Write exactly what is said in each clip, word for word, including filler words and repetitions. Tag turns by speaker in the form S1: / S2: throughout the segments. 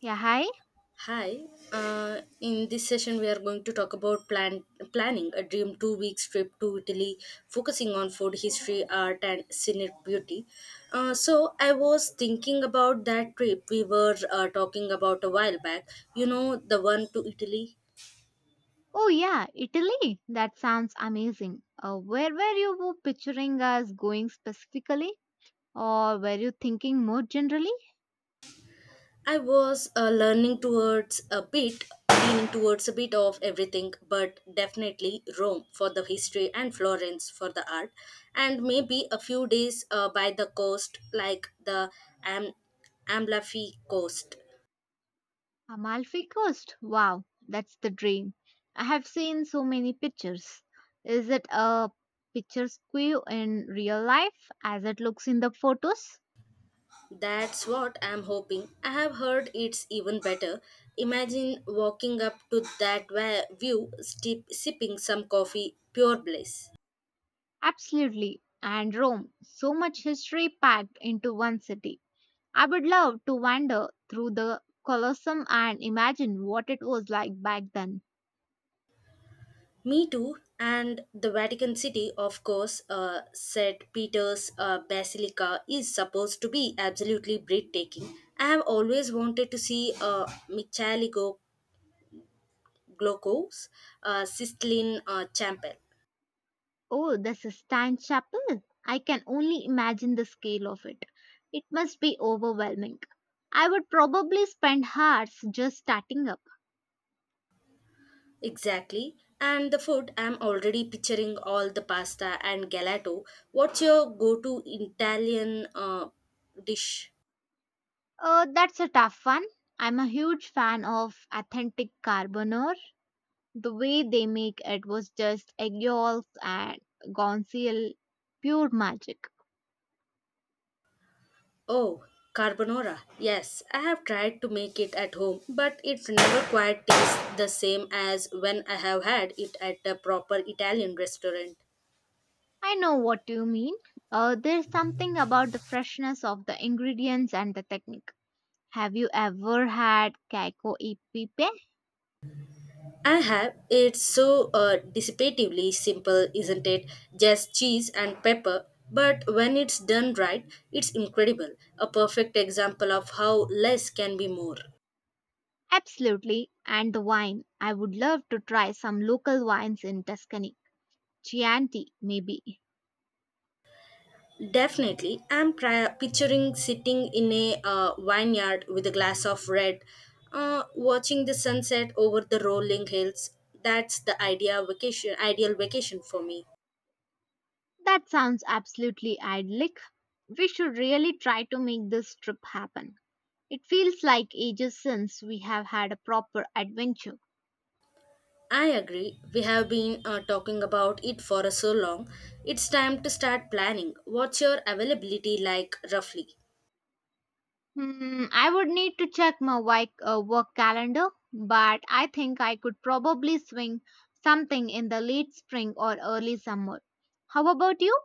S1: Yeah, hi.
S2: Hi. Uh, in this session, we are going to talk about plan planning a dream two weeks trip to Italy, focusing on food history, art, and scenic beauty. Uh, so I was thinking about that trip we were uh, talking about a while back. You know, the one to Italy.
S1: Oh, yeah, Italy. That sounds amazing. Uh, where were you picturing us going specifically? Or were you thinking more generally?
S2: I was uh, learning towards a bit, leaning towards a bit of everything, but definitely Rome for the history and Florence for the art, and maybe a few days uh, by the coast, like the Am- Amalfi coast.
S1: Amalfi Coast. Wow, that's the dream. I have seen so many pictures. Is it a picturesque in real life as it looks in the photos?
S2: That's what I'm hoping. I have heard it's even better. Imagine walking up to that wa- view, steep, sipping some coffee, pure bliss.
S1: Absolutely. And Rome. So much history packed into one city. I would love to wander through the Colosseum and imagine what it was like back then.
S2: Me too, and the Vatican City, of course, uh, Saint Peter's uh, Basilica is supposed to be absolutely breathtaking. I have always wanted to see uh, Michaligo Glocos, uh, Sistine uh, Chapel.
S1: Oh, the Sistine Chapel! I can only imagine the scale of it. It must be overwhelming. I would probably spend hours just starting up.
S2: Exactly. And the food, I'm already picturing all the pasta and gelato. What's your go to Italian uh, dish?
S1: Uh, that's a tough one. I'm a huge fan of authentic carbonara. The way they make it was just egg yolks and gonzial, pure magic.
S2: Oh, carbonara. Yes, I have tried to make it at home, but it never quite tastes the same as when I have had it at a proper Italian restaurant.
S1: I know what you mean. Uh, there's something about the freshness of the ingredients and the technique. Have you ever had Kaiko Ipipe?
S2: I have. It's so uh, dissipatively simple, isn't it? Just cheese and pepper. But when it's done right, it's incredible. A perfect example of how less can be more.
S1: Absolutely. And the wine. I would love to try some local wines in Tuscany. Chianti, maybe.
S2: Definitely. I'm pri- picturing sitting in a uh, vineyard with a glass of red, uh, watching the sunset over the rolling hills. That's the idea vacation, ideal vacation for me.
S1: That sounds absolutely idyllic. We should really try to make this trip happen. It feels like ages since we have had a proper adventure.
S2: I agree. We have been uh, talking about it for so long. It's time to start planning. What's your availability like roughly?
S1: Hmm, I would need to check my wi- uh, work calendar, but I think I could probably swing something in the late spring or early summer. How about you?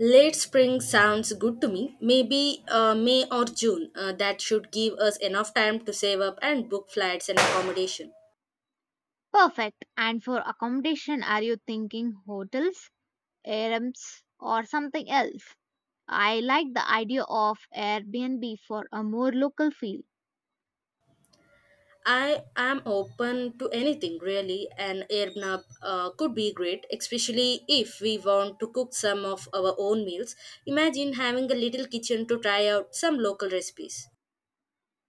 S2: Late spring sounds good to me. Maybe uh, May or June. Uh, that should give us enough time to save up and book flights and accommodation.
S1: Perfect. And for accommodation, are you thinking hotels, Airbnbs, or something else? I like the idea of Airbnb for a more local feel.
S2: I am open to anything really, and Airbnb uh, could be great, especially if we want to cook some of our own meals. Imagine having a little kitchen to try out some local recipes.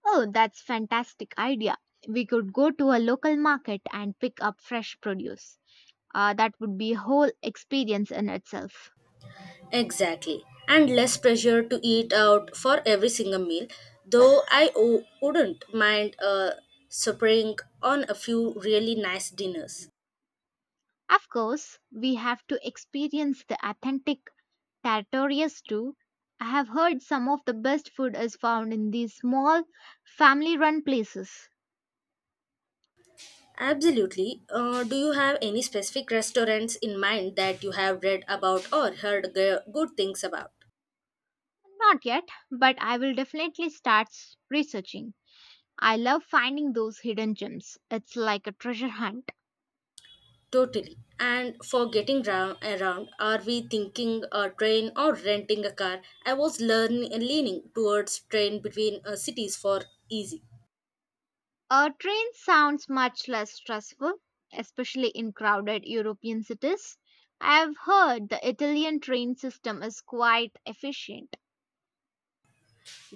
S1: Oh, that's fantastic idea. We could go to a local market and pick up fresh produce. Uh, that would be a whole experience in itself.
S2: Exactly, and less pressure to eat out for every single meal, though I o- wouldn't mind uh, suffering on a few really nice dinners.
S1: Of course, we have to experience the authentic territories too. I have heard some of the best food is found in these small, family run places.
S2: Absolutely. Uh, do you have any specific restaurants in mind that you have read about or heard g- good things about?
S1: Not yet, but I will definitely start s- researching. I love finding those hidden gems. It's like a treasure hunt.
S2: Totally. And for getting round, around, are we thinking a train or renting a car? I was learn, leaning towards train between uh, cities for easy.
S1: A train sounds much less stressful, especially in crowded European cities. I have heard the Italian train system is quite efficient.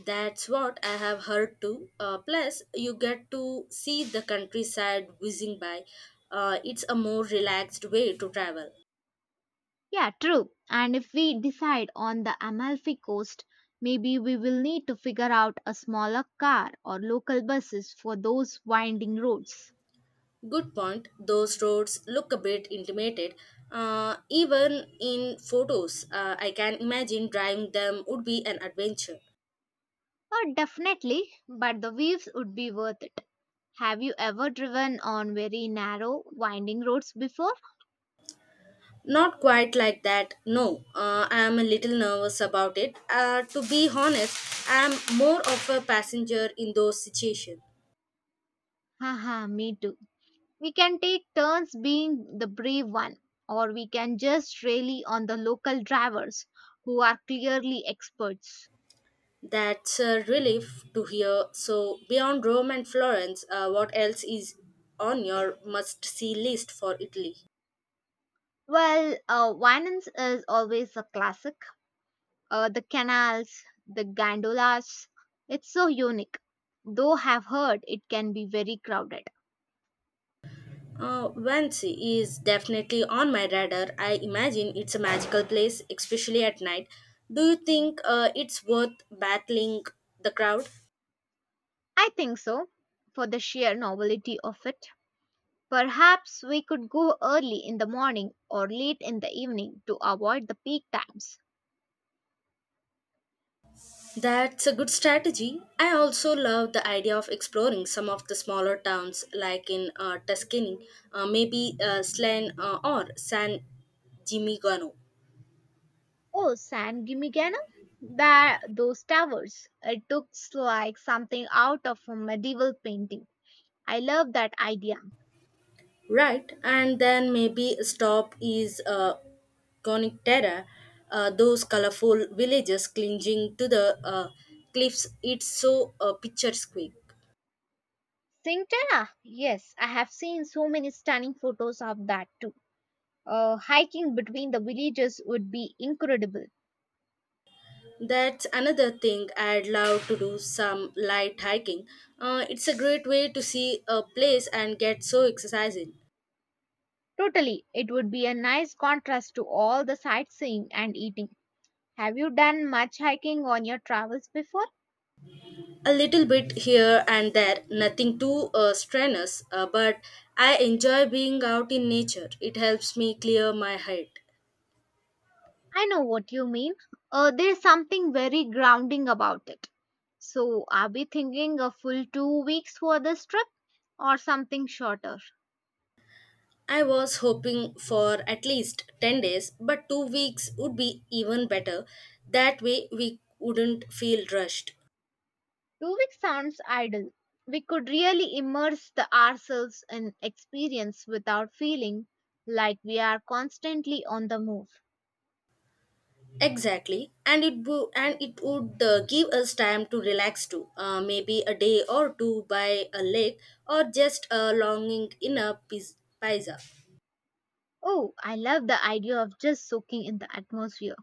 S2: That's what I have heard too. Uh, plus, you get to see the countryside whizzing by. Uh, it's a more relaxed way to travel.
S1: Yeah, true. And if we decide on the Amalfi Coast, maybe we will need to figure out a smaller car or local buses for those winding roads.
S2: Good point. Those roads look a bit intimidated. Uh, even in photos, uh, I can imagine driving them would be an adventure.
S1: Oh, definitely, but the waves would be worth it. Have you ever driven on very narrow, winding roads before?
S2: Not quite like that, no. Uh, I am a little nervous about it. Uh, to be honest, I am more of a passenger in those situations.
S1: Haha, me too. We can take turns being the brave one, or we can just rely on the local drivers who are clearly experts.
S2: That's a relief to hear. So, beyond Rome and Florence, uh, what else is on your must see list for Italy?
S1: Well, uh, Winans is always a classic. Uh, the canals, the gondolas. It's so unique, though I've heard it can be very crowded.
S2: Uh, Venice is definitely on my radar. I imagine it's a magical place, especially at night. Do you think uh, it's worth battling the crowd?
S1: I think so, for the sheer novelty of it. Perhaps we could go early in the morning or late in the evening to avoid the peak times.
S2: That's a good strategy. I also love the idea of exploring some of the smaller towns like in uh, Tuscany, uh, maybe uh, Slane uh, or San Gimignano.
S1: Oh, San Gimignano? That those towers. It looks like something out of a medieval painting. I love that idea.
S2: Right, and then maybe a stop is uh, Coniterra, uh, those colorful villages clinging to the uh, cliffs. It's so uh, picturesque.
S1: Sintana? Yes, I have seen so many stunning photos of that too. Uh, hiking between the villages would be incredible.
S2: That's another thing I'd love to do some light hiking. Uh, it's a great way to see a place and get so exercising.
S1: Totally, it would be a nice contrast to all the sightseeing and eating. Have you done much hiking on your travels before?
S2: A little bit here and there, nothing too uh, strenuous, uh, but I enjoy being out in nature. It helps me clear my head.
S1: I know what you mean. Uh, there's something very grounding about it. So, are we thinking a full two weeks for this trip or something shorter?
S2: I was hoping for at least ten days, but two weeks would be even better. That way, we wouldn't feel rushed.
S1: Two weeks sounds ideal. We could really immerse the ourselves in experience without feeling like we are constantly on the move.
S2: Exactly, and it wo- and it would uh, give us time to relax too. Uh, maybe a day or two by a lake, or just a longing in a piz- paisa.
S1: Oh, I love the idea of just soaking in the atmosphere.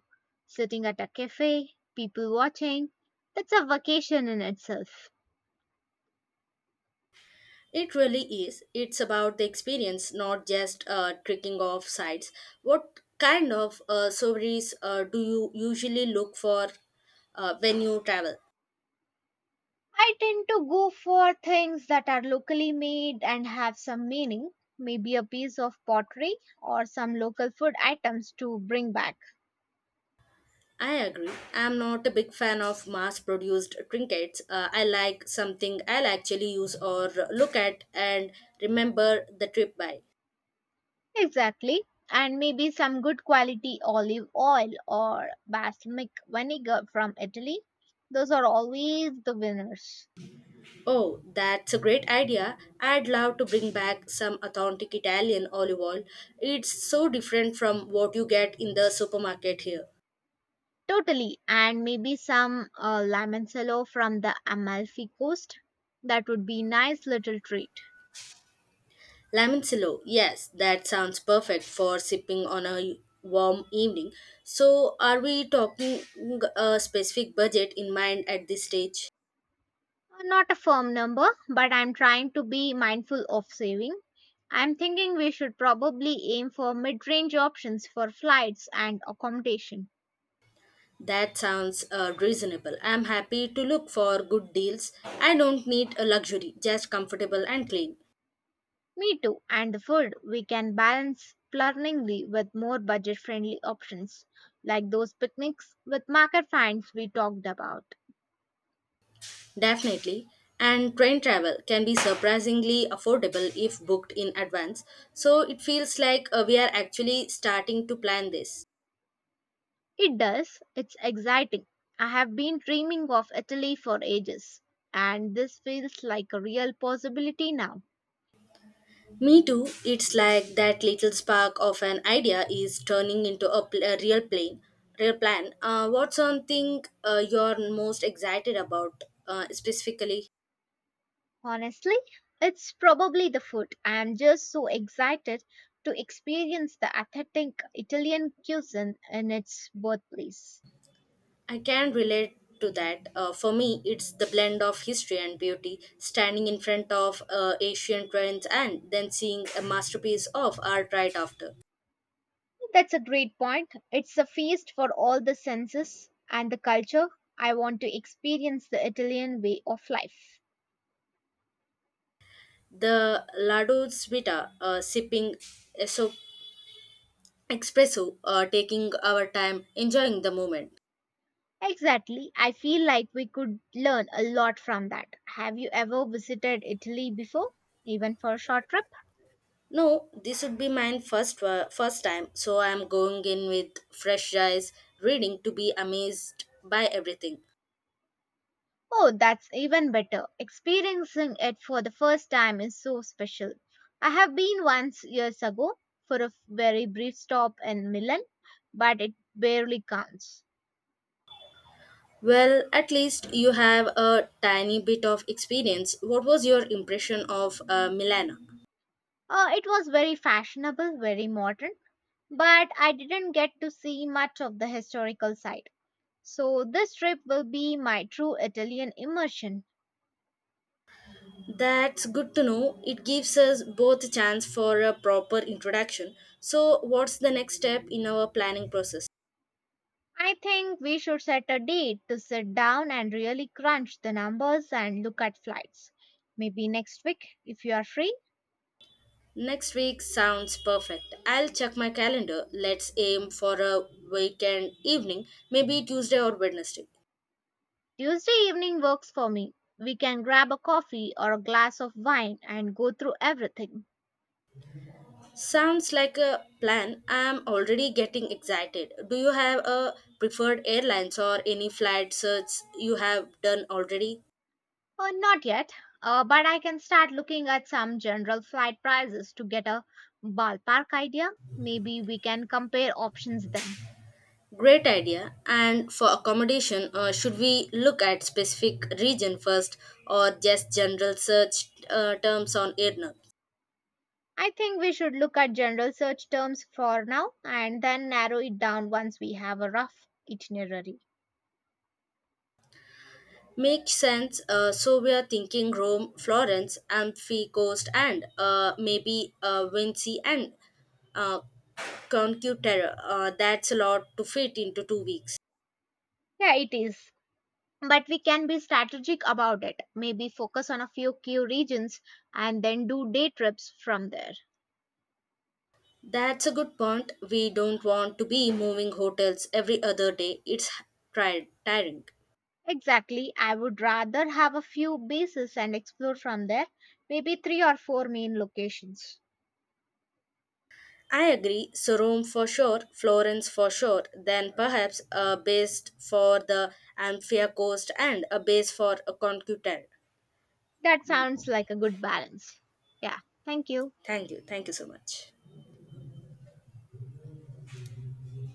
S1: Sitting at a cafe, people watching. That's a vacation in itself.
S2: It really is. It's about the experience, not just uh, tricking off sites. What kind of uh, souvenirs uh, do you usually look for uh, when you travel?
S1: I tend to go for things that are locally made and have some meaning, maybe a piece of pottery or some local food items to bring back.
S2: I agree. I'm not a big fan of mass produced trinkets. Uh, I like something I'll actually use or look at and remember the trip by.
S1: Exactly. And maybe some good quality olive oil or balsamic vinegar from Italy. Those are always the winners.
S2: Oh, that's a great idea. I'd love to bring back some authentic Italian olive oil. It's so different from what you get in the supermarket here.
S1: Totally, and maybe some uh, limoncello from the Amalfi Coast. That would be nice little treat.
S2: Lamicello, yes, that sounds perfect for sipping on a warm evening. So, are we talking a specific budget in mind at this stage?
S1: Uh, Not a firm number, but I'm trying to be mindful of saving. I'm thinking we should probably aim for mid-range options for flights and accommodation.
S2: That sounds uh, reasonable. I'm happy to look for good deals. I don't need a luxury, just comfortable and clean.
S1: Me too, and the food we can balance planningly with more budget-friendly options, like those picnics with market finds we talked about.
S2: Definitely. And train travel can be surprisingly affordable if booked in advance. So it feels like uh, we are actually starting to plan this.
S1: It does. It's exciting. I have been dreaming of Italy for ages, and this feels like a real possibility now.
S2: Me too. It's like that little spark of an idea is turning into a, pl- a real plane, real plan. Uh, what's something uh, you're most excited about uh, specifically?
S1: Honestly, it's probably the food. I am just so excited to experience the authentic Italian cuisine in its birthplace.
S2: I can relate to that. Uh, for me, it's the blend of history and beauty, standing in front of uh, ancient ruins and then seeing a masterpiece of art right after.
S1: That's a great point. It's a feast for all the senses and the culture. I want to experience the Italian way of life.
S2: The Lado Svita, uh, sipping eso- espresso, uh, taking our time, enjoying the moment.
S1: Exactly. I feel like we could learn a lot from that. Have you ever visited Italy before? Even for a short trip?
S2: No, this would be mine first uh, first time, so I'm going in with fresh eyes, reading to be amazed by everything.
S1: Oh, that's even better. Experiencing it for the first time is so special. I have been once years ago for a very brief stop in Milan, but it barely counts.
S2: Well, at least you have a tiny bit of experience. What was your impression of uh, Milana?
S1: Uh, it was very fashionable, very modern, but I didn't get to see much of the historical side. So, this trip will be my true Italian immersion.
S2: That's good to know. It gives us both a chance for a proper introduction. So, what's the next step in our planning process?
S1: I think we should set a date to sit down and really crunch the numbers and look at flights. Maybe next week, if you are free.
S2: Next week sounds perfect. I'll check my calendar. Let's aim for a weekend evening, maybe Tuesday or Wednesday.
S1: Tuesday evening works for me. We can grab a coffee or a glass of wine and go through everything.
S2: Sounds like a plan. I'm already getting excited. Do you have a preferred airlines or any flight search you have done already?
S1: Oh, not yet, uh, but I can start looking at some general flight prices to get a ballpark idea. Maybe we can compare options then.
S2: Great idea. And for accommodation, uh, should we look at specific region first or just general search uh, terms on AirNet?
S1: I think we should look at general search terms for now and then narrow it down once we have a rough itinerary.
S2: Makes sense. Uh, so we are thinking Rome, Florence, Amphi Coast, and uh, maybe uh, Vinci and uh, Concuterra. Uh, that's a lot to fit into two weeks.
S1: Yeah, it is. But we can be strategic about it. Maybe focus on a few key regions and then do day trips from there.
S2: That's a good point. We don't want to be moving hotels every other day. It's tri- tiring.
S1: Exactly. I would rather have a few bases and explore from there, maybe three or four main locations.
S2: I agree. So Rome for sure, Florence for sure, then perhaps a base for the Amphia coast and a base for a concutane.
S1: That sounds like a good balance. Yeah, thank you.
S2: Thank you. Thank you so much.